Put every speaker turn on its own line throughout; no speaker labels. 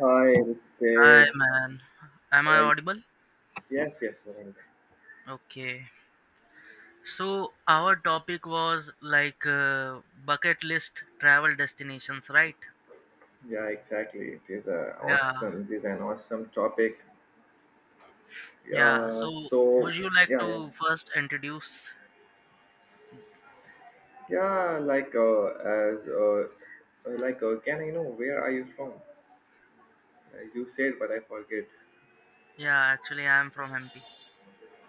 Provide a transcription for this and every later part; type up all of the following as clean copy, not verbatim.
I would
Hi,
say,
man. Am I
oh, I-
audible?
yes, yes, Veronica.
Okay. So, our topic was like bucket list travel destinations, right?
Yeah, exactly. It is a
Yeah.
awesome. This is an awesome topic.
Yeah.
Yeah.
So,
So,
would you like
yeah, yeah,
to first introduce?
yeah. Like, as, like, Can I know where are you from? You said, but I forget.
Yeah, actually, I am from MP.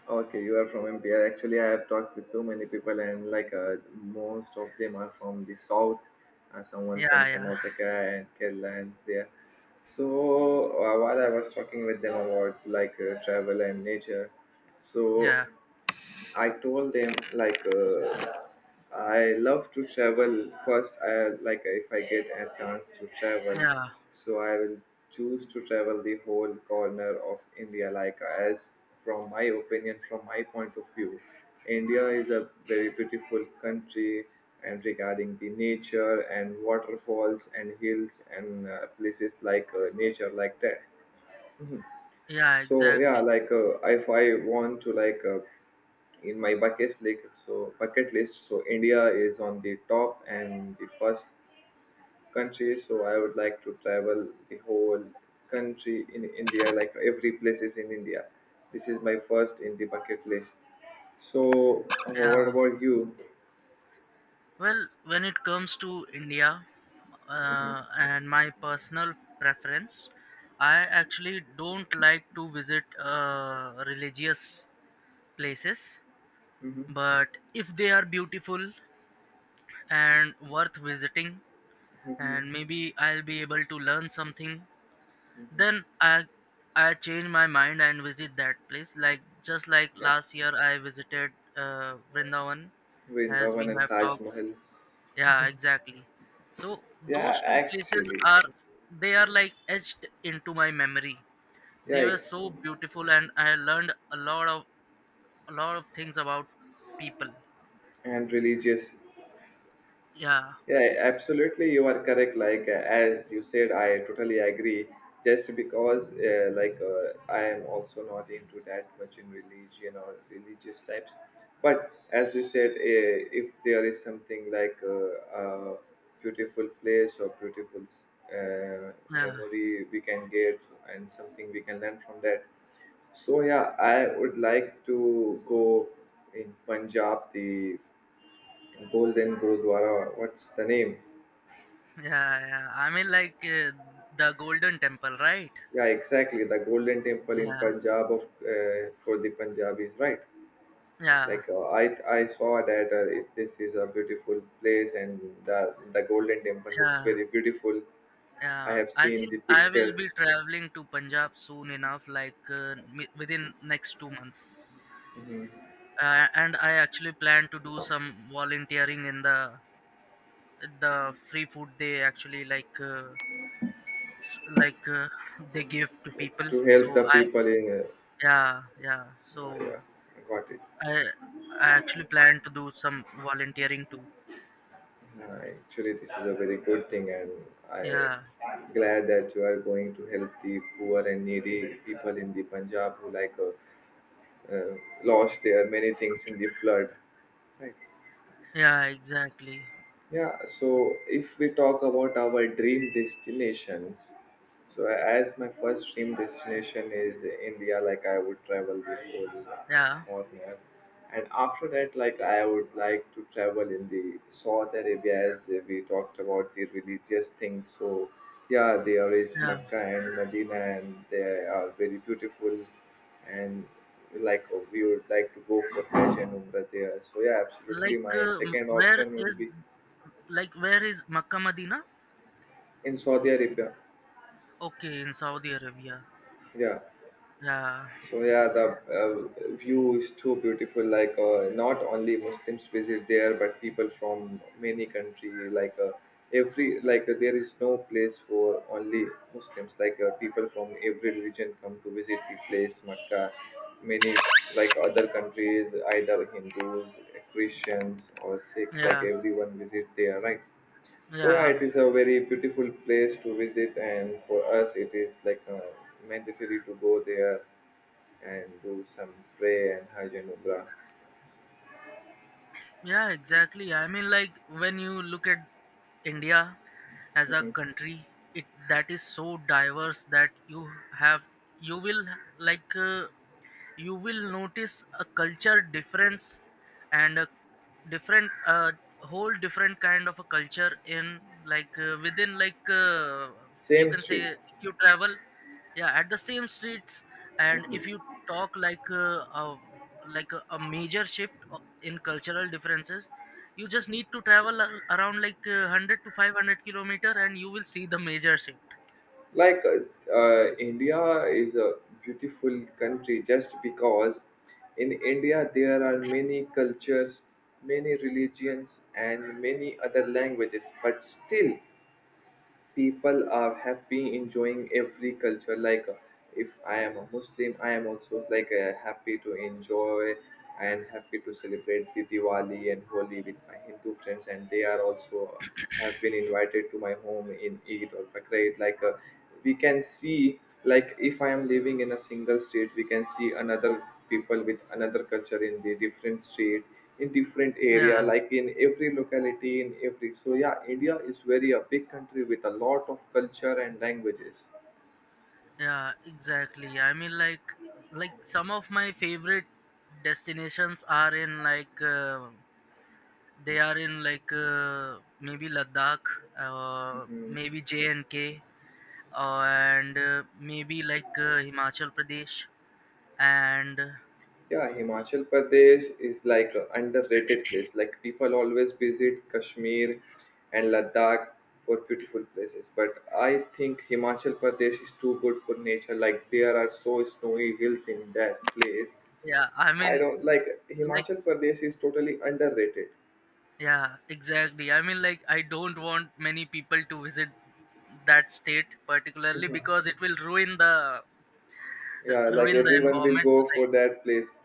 Okay, you are from MPR. Actually, I have talked with so many people, and most of them are from the south. Someone from
Yeah, yeah,
Karnataka and Kerala and there. While I was talking with them about travel and nature, so
yeah,
I told them I love to travel first. I like if I get a chance to travel,
yeah,
so I will choose to travel the whole corner of India. Like as From my opinion, from my point of view, India is a very beautiful country. And regarding the nature and waterfalls and hills and places nature like that.
yeah,
So yeah,
exactly.
if I want to like in my bucket list so India is on the top and the first country, so I would like to travel the whole country in India, like every place is in India. This is my first in the bucket list. So what
Yeah.
about you?
Well, when it comes to India and my personal preference, I actually don't like to visit religious places,
Hmm.
but if they are beautiful and worth visiting,
Hmm.
and maybe I'll be able to learn something, then
Hmm.
I change my mind and visit that place. Like, just like
Yeah.
last year I visited Vrindavan, as we
Vrindavan and
have
Taj
talked.
Mahal.
Yeah, exactly. So
Yeah,
those two places
actually.
are, they are like etched into my memory. They were
Yikes.
so beautiful, and I learned a lot of, a lot of things about people.
And religious.
Yeah,
Yeah, absolutely. You are correct. As you said, I totally agree. Just because, I am also not into that much in religion or religious types. But as you said, if there is something a beautiful place or beautiful uh,
yeah.
memory we can get and something we can learn from that, so yeah, I would like to go in Punjab, the Golden Gurudwara. What's the name?
Yeah, yeah. I mean, like the Golden Temple, right?
Yeah, exactly. The Golden Temple in
Yeah,
Punjab of for the Punjabis, right?
yeah,
Like uh, I I saw that this is a beautiful place, and the Golden Temple looks
yeah,
very beautiful. I
yeah.
have
I
seen
think
the
I will
pictures
be traveling to Punjab soon enough, like within next 2 months. And I actually plan to do some volunteering in the free food they actually like like they give to people.
to help
So
the
I,
people in.
yeah, yeah.
Yeah, yeah,
So
I got it.
I I actually plan to do some volunteering too.
Actually, this is a very good thing, and I
Yeah.
glad that you are going to help the poor and needy people in the Punjab who uh, lost their many things in the flood. Right.
Yeah, exactly.
Yeah, so if we talk about our dream destinations, so as my first dream destination is India, like I would travel the whole
Yeah,
corner, and after that, like I would like to travel in the Saudi Arabia as we talked about the religious things. So yeah, there is
yeah.
Mecca and Medina, and they are very beautiful, and like we would like to go for Hajj and Umrah there. So yeah, absolutely,
Like,
my second
where
option would
is,
be.
like, where is Makkah Madina?
In Saudi Arabia.
Okay, in Saudi Arabia.
Yeah.
Yeah,
So yeah, the view is too beautiful. Not only Muslims visit there, but people from many country. Like every like There is no place for only Muslims. People from every religion come to visit the place, Mecca. Many like other countries, either Hindus, Christians, or Sikhs. Like
yeah,
everyone visit there, right? So yeah,
yeah,
it is a very beautiful place to visit, and for us, it is mandatory to go there and do some prayer and Hajj and Umrah.
yeah. Exactly. I mean, like, when you look at India as a
Mhm.
country, it that is so diverse that you have, you will like. You will notice a culture difference and a different whole different kind of a culture in like within like you
Same
can say,
street.
if you travel, yeah, at the same streets, and if you talk like a like a major shift in cultural differences, you just need to travel around like 100 to 500 kilometer and you will see the major shift.
like uh, India is a beautiful country just because in India there are many cultures, many religions, and many other languages, but still people are happy enjoying every culture. If I am a Muslim, I am also happy to enjoy and happy to celebrate the Diwali and Holi with my Hindu friends, and they are also have been invited to my home in Eid or Bakrid. We can see, like if I am living in a single state, we can see another people with another culture in the different state, in different area,
Yeah.
like in every locality, in every. So yeah, India is very a big country with a lot of culture and languages.
Yeah, exactly. I mean, like some of my favorite destinations are in like they are in like maybe Ladakh,
Mhm.
maybe J and K, and maybe like Himachal Pradesh, and
Yeah, Himachal Pradesh is like an underrated place. Like people always visit Kashmir and Ladakh for beautiful places, but I think Himachal Pradesh is too good for nature. Like there are so snowy hills in that place.
yeah, I
I
mean,
don't like
like,
Himachal Pradesh is totally underrated.
yeah, exactly. I mean, like, I don't want many people to visit that state particularly
Mhm.
because it will ruin the,
Yeah, like
ruin the
everyone will
environment.
go for
Like,
that place.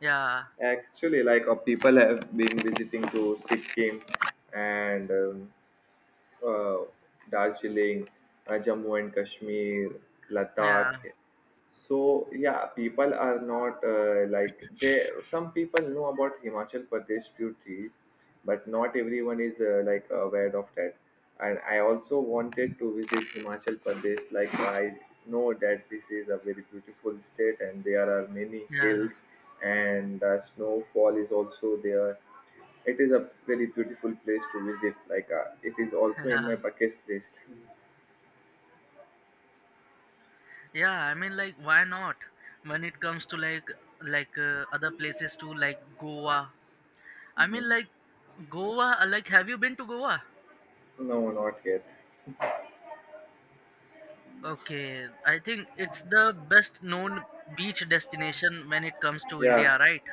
yeah.
Actually, people have been visiting to Sikkim and uh, Darjeeling, Jammu and Kashmir,
Yeah,
Ladakh. So yeah, people are not like they. Some people know about Himachal Pradesh beauty, but not everyone is aware of that. And I also wanted to visit Himachal Pradesh. Like I know that this is a very beautiful state, and there are many
yeah,
hills, and the snowfall is also there. It is a very beautiful place to visit. It is also in my
yeah,
bucket list.
yeah. I mean, like, why not? When it comes to like other places too, like Goa. I mean,
Mhm.
like Goa. Like, have you been to Goa?
No, not yet.
Okay, I think it's the best known beach destination when it comes to
Yeah,
India, right?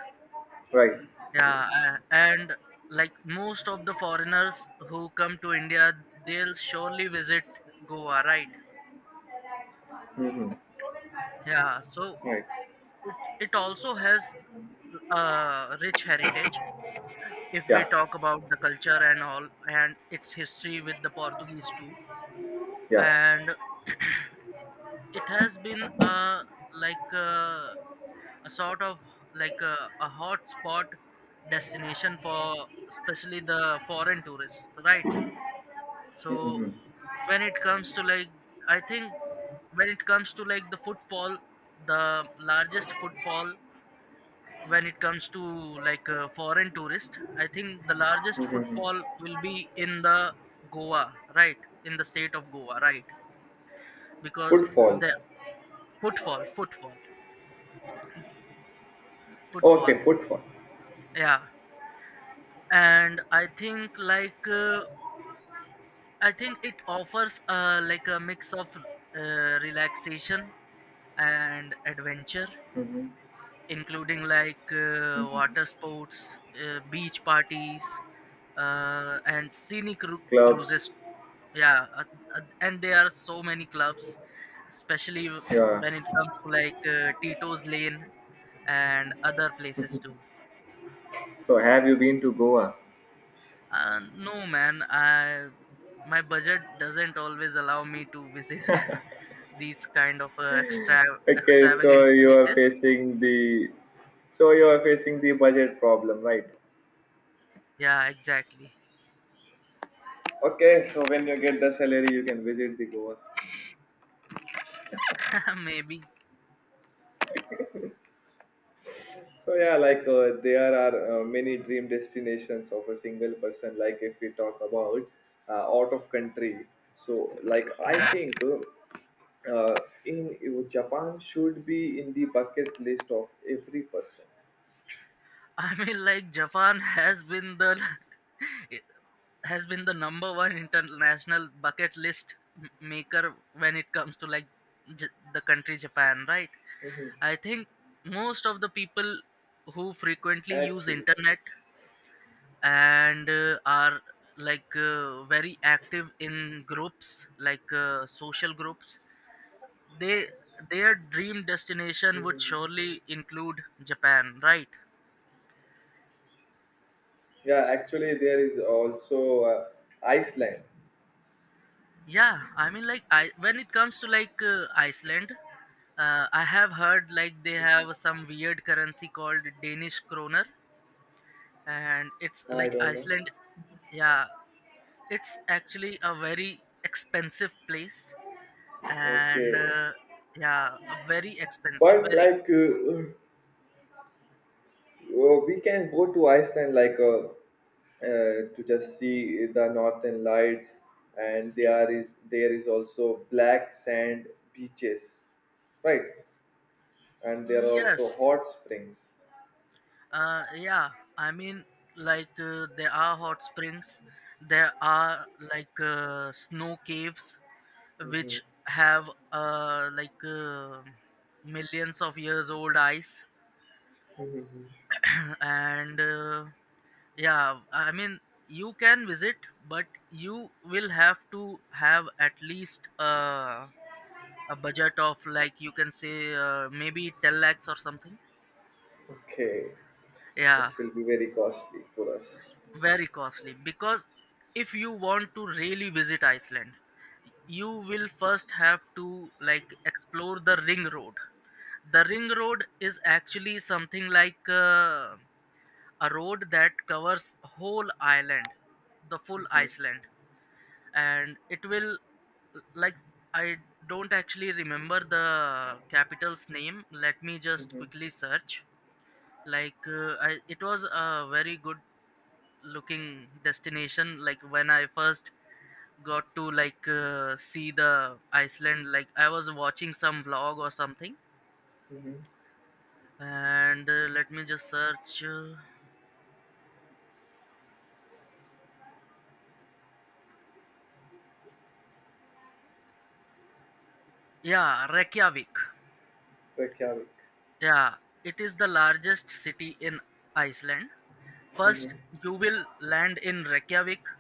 right.
Yeah, and like most of the foreigners who come to India, they'll surely visit Goa, right?
Mm-hmm.
Yeah, so
Right.
it also has a rich heritage if we
Yeah.
talk about the culture and all, and its history with the Portuguese too.
Yeah.
And it has been a like a sort of like a hot spot destination for especially the foreign tourists, right? So
Mhm.
when it comes to like i think when it comes to like the footfall, the largest footfall, when it comes to like foreign tourist, I think the largest
Mhm.
footfall will be in the Goa, right? In the state of Goa, right? Because
Footfall.
the footfall, footfall.
Okay, footfall.
Yeah. And I think like I think it offers like a mix of relaxation and adventure,
Mhm.
including like
Mhm.
water sports, beach parties, and scenic cruises.
Clubs.
Yeah, and there are so many clubs, especially
Yeah.
when it comes to like Tito's Lane and other places too.
So have you been to Goa?
No, man, I my budget doesn't always allow me to visit these kind of extra
Okay, so
extravagant
you are
places.
facing the so you are facing the budget problem, right?
Yeah, exactly.
Okay, so when you get the salary, you can visit the Goa.
Maybe.
So yeah, there are many dream destinations of a single person. Like if we talk about out of country, so like I
Yeah.
think uh, in Japan should be in the bucket list of every person.
I mean, like Japan has been the it has been the number one international bucket list maker when it comes to like J- the country Japan, right?
Hmm.
I think most of the people who frequently use
Actually.
internet and are like very active in groups like social groups, they their dream destination would
Mhm.
surely include Japan, right?
Yeah, actually, there is also Iceland.
Yeah, I mean, like, I when it comes to like Iceland, I have heard like they
Mhm.
have some weird currency called Danish kroner, and it's
I
like
don't know.
Iceland. Yeah, it's actually a very expensive place,
Okay,
and yeah, a very expensive,
but
very.
we can go to Iceland to just see the northern lights, and there is also black sand beaches, right? And there are also
Yes,
hot springs.
yeah. I mean, like there are hot springs, there are like snow caves, which
Mhm.
have uh, like uh, millions of years old ice.
Mhm.
And yeah, I mean, you can visit, but you will have to have at least a budget of like you can say maybe 10 lakhs or something.
Okay, it
Yeah,
will be very costly for us.
very costly, because if you want to really visit Iceland, you will first have to like explore the ring road. The ring road is actually something like a road that covers whole island, the full
Mhm.
Iceland, and it will like I don't actually remember the capital's name. Let me just
Mhm.
quickly search. Like it was a very good looking destination. Like when I first got to like see the Iceland, like I was watching some vlog or something.
Mhm.
And let me just search yeah, Reykjavik.
Reykjavik.
Yeah, it is the largest city in Iceland. First,
Mhm.
you will land in Reykjavik.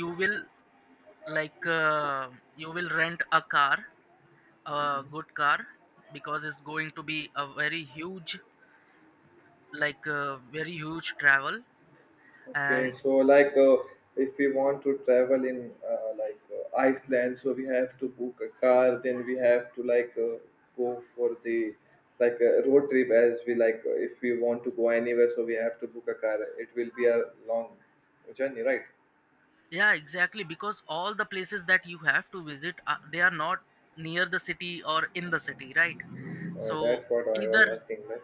You will like you will rent a car, a
Mhm.
good car, because it's going to be a very huge like very huge travel.
Okay,
And
so if we want to travel in Iceland, so we have to book a car, then we have to go for the like a road trip. As we like If we want to go anywhere, so we have to book a car. It will be a long journey, right?
yeah, exactly, because all the places that you have to visit they are not near the city or in the city,
Uh,
right? So
that's what I was
either
asking, right?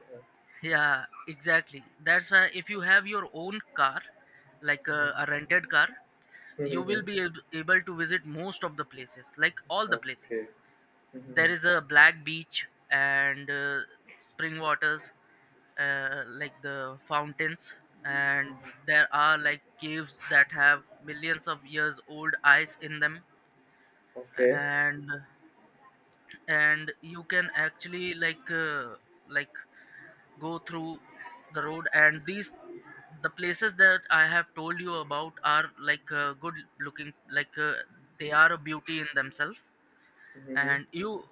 Yeah, exactly. That's why if you have your own car, like a rented car,
Mhm,
you will
mhm.
be able to visit most of the places, like all the
Okay.
places.
Mhm,
There
mhm.
is a black beach and spring waters, like the fountains, and there are like caves that have millions of years old ice in them.
Okay.
and and you can actually like like go through the road. And these the places that I have told you about are like good looking, like they are a beauty in themselves.
Mhm, mhm.
And you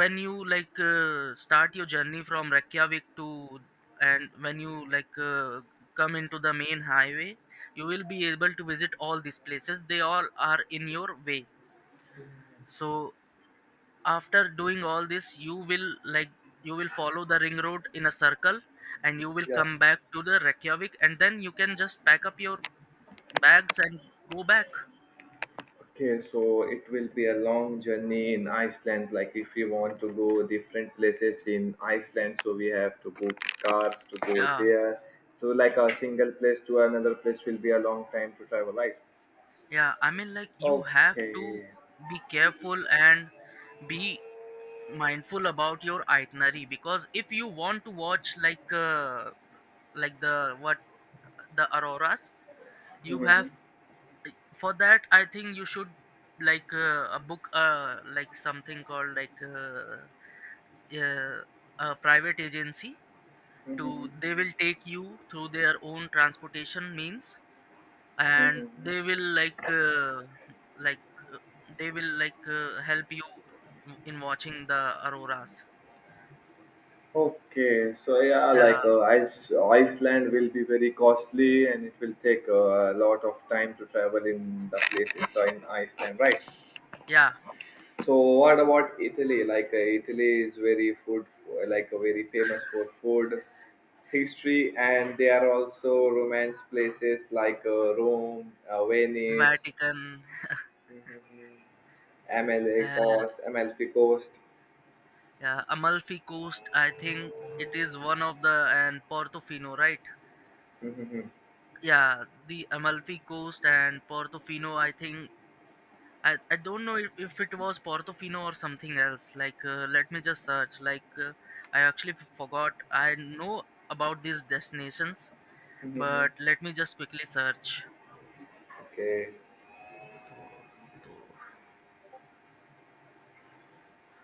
when you like start your journey from Reykjavik to, and when you like come into the main highway, you will be able to visit all these places. They all are in your way. So after doing all this, you will follow the ring road in a circle, and you will
Yeah.
come back to the Reykjavik, and then you can just pack up your bags and go back.
Okay, so it will be a long journey in Iceland. Like if we want to go different places in Iceland, so we have to book cars to go
Yeah.
there. So like a single place to another place will be a long time to travel, right?
Yeah, I mean, like you have to
Okay.
be careful and be mindful about your itinerary, because if you want to watch like like the what the auroras, you have for that I think you should like a book like something called like uh, a private agency to
Mhm,
they will take you through their own transportation means,
mhm,
and
mhm.
they will like like uh, they will like help you in watching the auroras.
Okay, so yeah,
Yeah.
Iceland will be very costly, and it will take a lot of time to travel in the places in Iceland, right?
Yeah.
So what about Italy? Italy is very food, very famous for food, history, and there are also romance places Rome, Venice,
Vatican.
MLA
Uh,
coast, MLP coast.
yeah, Amalfi Coast, I think, it is one of the and Portofino, right?
Mm-hmm.
Yeah, the Amalfi Coast and Portofino, I think I don't know if it was Portofino or something else. Like let me just search. Like I actually forgot. I know about these destinations,
Mm-hmm.
but let me just quickly search.
Okay,
Porto,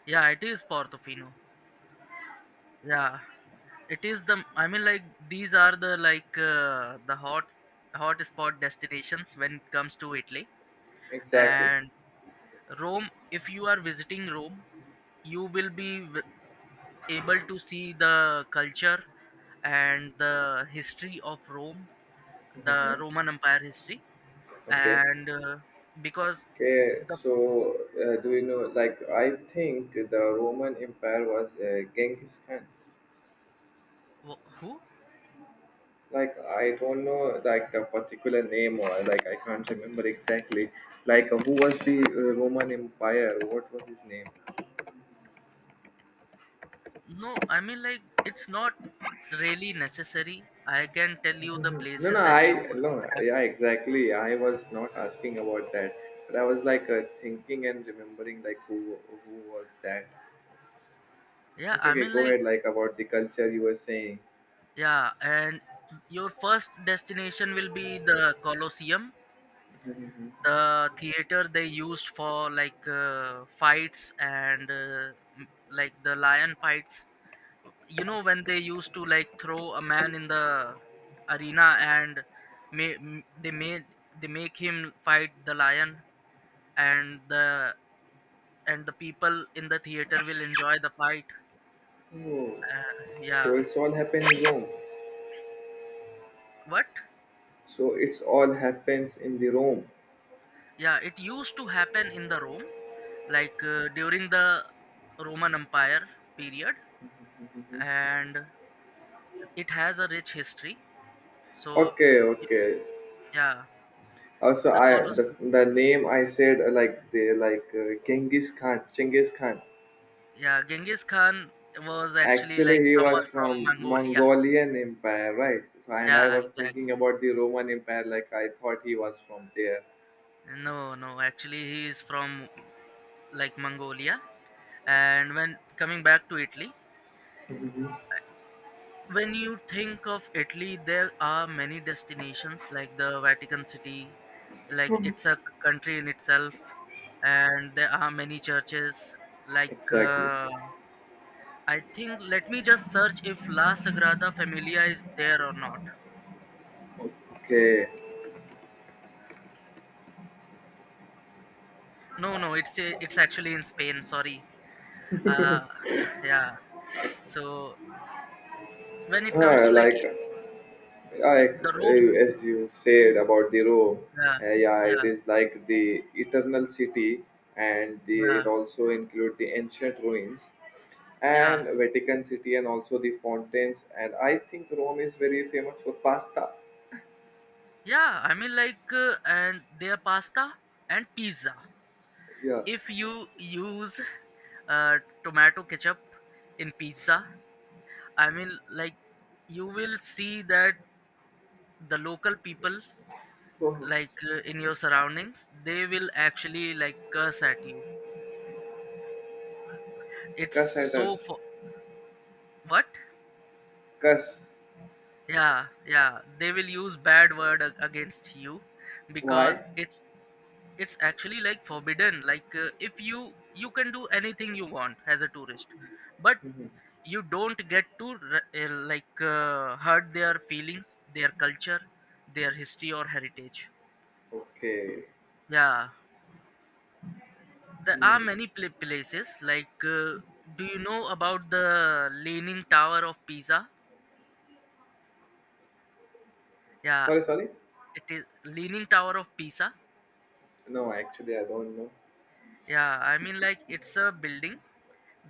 yeah, it is Portofino. Yeah, it is the I mean, like, these are the like the hot hot spot destinations when it comes to Italy.
exactly.
And Rome, if you are visiting Rome, you will be able to see the culture and the history of Rome, the
Mm-hmm.
Roman Empire history.
Okay.
And because the
Do you know, like, I think the Roman Empire was Genghis Khan.
who?
Like I don't know like the particular name, or like I can't remember exactly like who was the Roman Empire, what was his name.
No, I mean, like, it's not really necessary. I can tell you the
No
places
no
that
I
you
no
have.
Yeah, exactly, I was not asking about that, but I was thinking and remembering like who was that.
Yeah,
Okay,
I
okay,
mean,
go
like
ahead, like about the culture you were saying.
yeah, and your first destination will be the Colosseum,
Mhm.
the theater they used for like fights and like the lion fights, you know, when they used to like throw a man in the arena, and ma- m- they made they make him fight the lion, and the people in the theater will enjoy the fight.
Oh.
Uh,
So
yeah.
it's all happened in Rome.
What?
So it's all happens in the Rome.
Yeah, it used to happen in the Rome, like during the Roman Empire period.
Mhm.
And it has a rich history. So,
Okay,
y-
okay.
yeah,
Also,
the
I the,
Colosseum.
the name I said like the like Genghis Khan, Genghis Khan.
Yeah, Genghis Khan was actually
Actually,
like
he
someone
was
from
from
Mongolia.
Mongolian Empire, right? So, and I
Yeah,
was
exactly.
thinking about the Roman Empire, like I thought he was from there.
No, no, actually, he is from like Mongolia. And when coming back to Italy,
Mhm.
when you think of Italy, there are many destinations like the Vatican City, like it's a country in itself, and there are many churches like
Exactly.
I think let me just search if La Sagrada Familia is there or not.
Okay.
No, no, it's a, it's actually in Spain. Sorry. Uh, yeah. So when it comes
Uh,
to
like Yeah, I,
the Rome,
as you said about the Rome,
yeah,
yeah, it
yeah,
is like the eternal city, and the,
yeah,
it also include the ancient ruins
yeah,
and Vatican City, and also the fountains. And I think Rome is very famous for pasta.
yeah. I mean and their pasta and pizza.
Yeah.
If you use uh, tomato ketchup in pizza, I mean like you will see that the local people
Oh,
in your surroundings they will actually like curse at you. It's
cuss at
so
us.
for what?
Cuss.
Yeah, yeah, they will use bad word against you because
Why?
it's actually like forbidden. If you can do anything you want as a tourist, but you don't get to hurt their feelings, their culture, their history or heritage.
Okay.
Yeah. There
Hmm.
are many places. Do you know about the Leaning Tower of Pisa? Yeah,
Sorry, sorry.
it is Leaning Tower of Pisa.
No, actually, I don't know.
Yeah, I mean, like, it's a building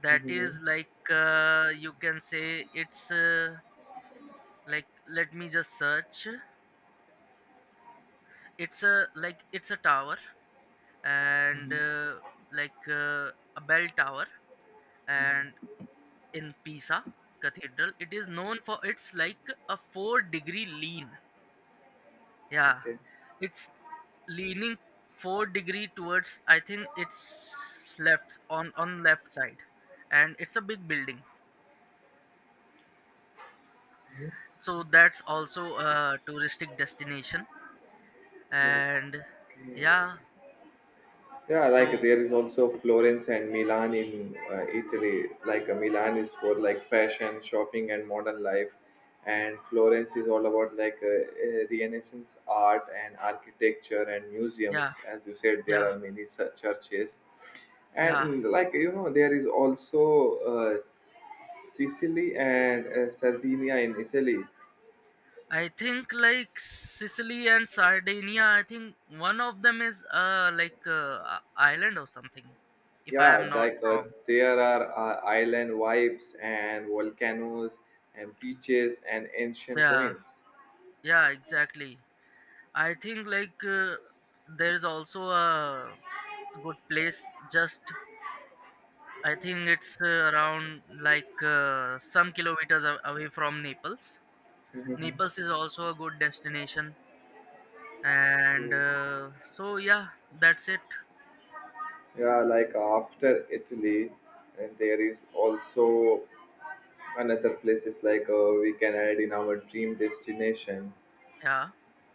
that
Hmm.
is you can say let me just search. It's a tower and a bell tower, and in Pisa cathedral, it is known for its like a four-degree lean. Yeah,
Okay.
it's leaning four-degree towards. I think it's left on left side, and it's a big building. So that's also a touristic destination. And
Okay.
yeah,
Yeah, like
so
there is also Florence and Milan in Italy. Milan is for like fashion, shopping, and modern life, and Florence is all about Renaissance art and architecture and
yeah,
museums. As you said, there
yeah,
are many such churches,
yeah.
and like you know, there is also uh, Sicily and Sardinia in Italy.
I think like Sicily and Sardinia. I think one of them is a island or something, if I
Yeah,
am not wrong.
there are island vibes and volcanoes and beaches and ancient
Yeah,
ruins.
yeah, exactly. I think there is also a good place. Just I think it's around some kilometers away from Naples.
Mm.
Naples is also a good destination, and so yeah, that's it.
Yeah, like after Italy, and there is also another places we can add in our dream destination.
Yeah,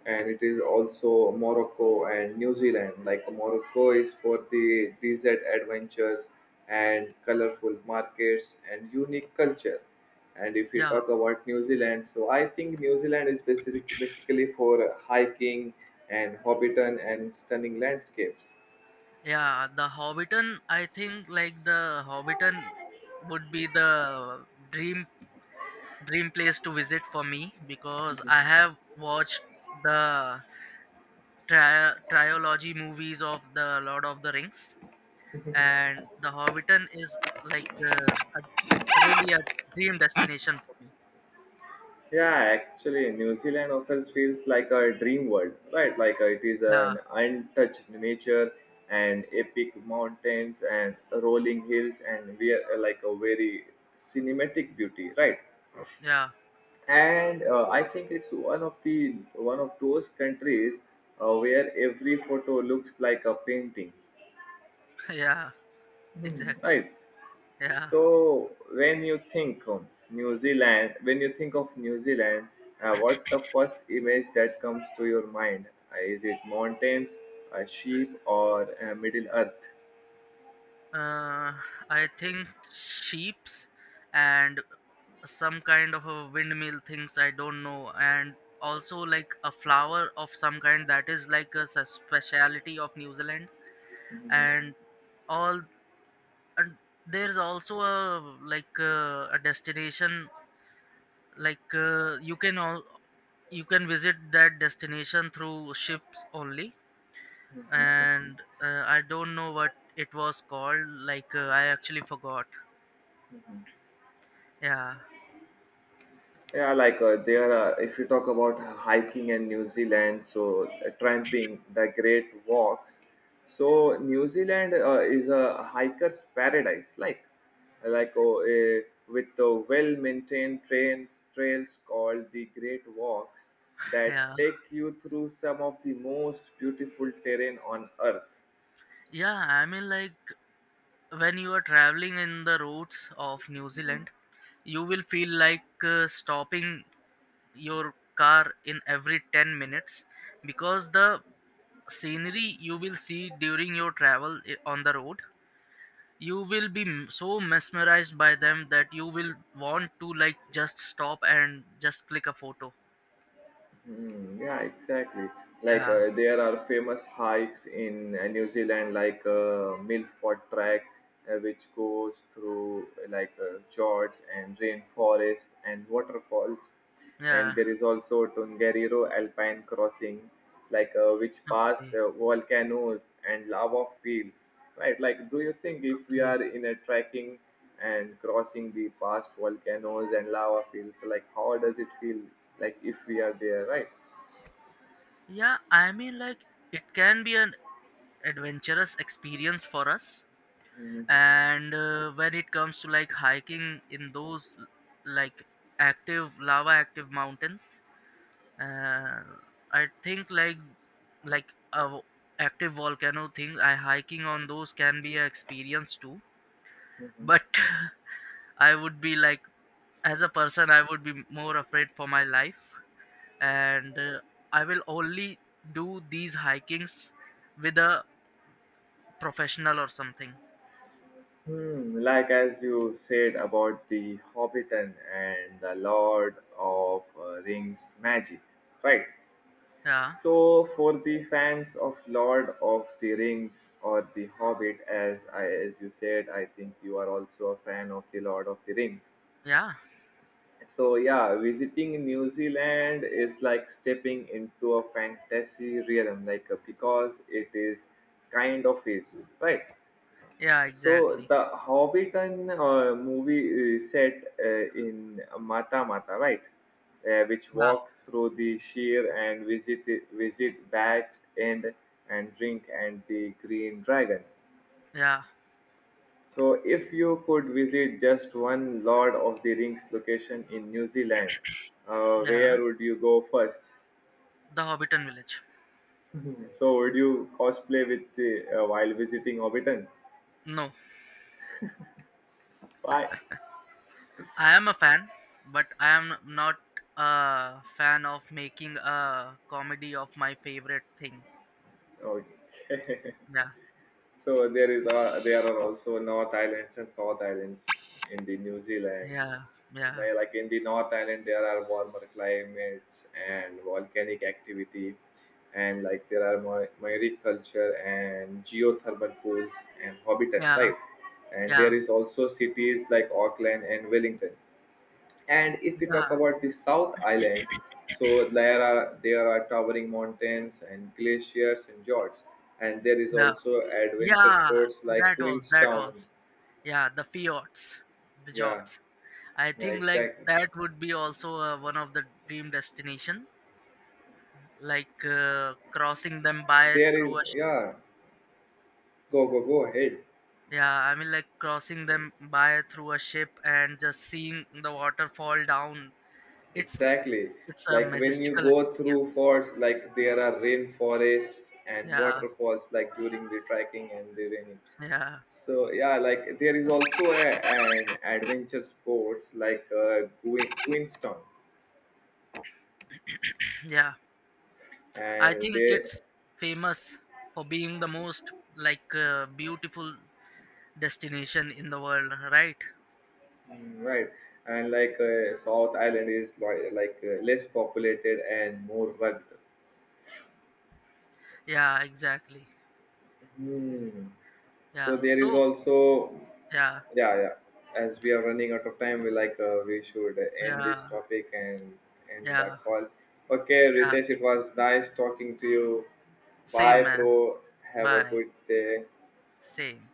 And it is also Morocco and New Zealand. Like Morocco is for the desert adventures and colorful markets and unique culture. And if we
yeah,
talk about New Zealand, so I think New Zealand is basic, basically for hiking and Hobbiton and stunning landscapes.
yeah, the Hobbiton. I think like the Hobbiton would be the dream dream place to visit for me, because I have watched the trilogy movies of the Lord of the Rings, and The Hobbiton is a, really a dream destination for me.
Yeah, actually, New Zealand often feels like a dream world, right? Like it is
Yeah,
an untouched nature and epic mountains and rolling hills and we are like a very cinematic beauty, right?
yeah,
And I think it's one of those countries where every photo looks like a painting,
yeah,
mhm,
exactly.
right?
Yeah.
When you think of New Zealand, what's the first image that comes to your mind? Is it mountains, a sheep, or Middle Earth?
uh, I think sheep's and some kind of a windmill things I don't know, and also like a flower of some kind that is like a speciality of New Zealand,
Mhm.
and all, and there's also a a destination you can all you can visit that destination through ships only. Okay. and I don't know what it was called. I actually forgot. Yeah,
Yeah, like if you talk about hiking in New Zealand, so tramping, the Great Walks. So New Zealand is a hiker's paradise, like like oh, uh, with the well-maintained trains trails called the Great Walks
yeah,
that take you through some of the most beautiful terrain on earth.
yeah, I mean like when you are traveling in the roads of New Zealand, you will feel like stopping your car in every 10 minutes, because the scenery you will see during your travel on the road, you will be so mesmerized by them that you will want to like just stop and just click a photo.
Mm, yeah, exactly. Like
Yeah,
there are famous hikes in New Zealand, like Milford Track, which goes through like fjords and rainforest and waterfalls. And
yeah,
there is also Tongariro Alpine Crossing, like which passed
okay,
volcanoes and lava fields. Right? Like, do you think if we
okay,
are in a trekking? And crossing the past volcanoes and lava fields, like how does it feel like if we are there, right?
yeah, I mean like it can be an adventurous experience for us.
Hmm.
And when it comes to like hiking in those like active lava active mountains, and I think like a w- active volcano thing, I hiking on those can be an experience too.
Hmm.
But I would be like as a person I would be more afraid for my life, and I will only do these hikings with a professional or something.
Hmm, like as you said about the Hobbiton and the Lord of Rings magic, right?
Yeah,
So for the fans of Lord of the Rings or the Hobbit, as you said, I think you are also a fan of the Lord of the Rings.
yeah,
So yeah, visiting New Zealand is like stepping into a fantasy realm, like because it is kind of is, right.
yeah,
So
exactly.
the Hobbiton movie is set in Mata Mata, right, which
Yeah,
walks through the sheer and visit back end and drink and the Green Dragon.
yeah,
So, if you could visit just one Lord of the Rings location in New Zealand,
yeah,
where would you go first?
the Hobbiton village.
So, would you cosplay with the, while visiting Hobbiton?
No,
Why?
I am a fan, but I am not a fan of making a comedy of my favorite thing.
Okay.
Yeah,
So there are also North Islands and South Islands in the New Zealand.
yeah, yeah,
Where, like in the North Island, there are warmer climates and volcanic activity, and like there are marine culture and geothermal pools and habitat,
yeah,
right? And there
yeah,
is also cities like Auckland and Wellington. And if we talk
yeah,
about the South Island, so there are towering mountains and glaciers and fjords, and there is
yeah,
also adventure
yeah.
sports like
That was that
Queenstown.
was. Yeah, the fjords, the
Yeah,
jorts. I
yeah,
think like
exactly.
that would be also one of the dream destination, crossing them by
There
through
is,
a ship.
yeah. Go go ahead.
Yeah, I mean like crossing them by through a ship and just seeing the water fall down. it's
Exactly.
It's a
Like when you
majestical
go through
experience.
forts, like there are rainforests and
Yeah,
waterfalls, like during the trekking and the raining.
yeah,
So yeah, like there is also a, an adventure sports like Queenstown,
yeah. I
and
think
they
it's famous for being the most beautiful destination in the world, right?
mm, right. And like South Island is like less populated and more rugged.
Yeah, exactly.
Hmm. So
Yeah.
there is
So,
also,
yeah,
yeah, yeah. As we are running out of time, we like we should end this
yeah,
topic and end the
yeah,
call. Okay,
yeah.
Ritesh, it was nice talking to you.
Same,
Bye, bro.
man.
Have a
Bye.
good day.
Same.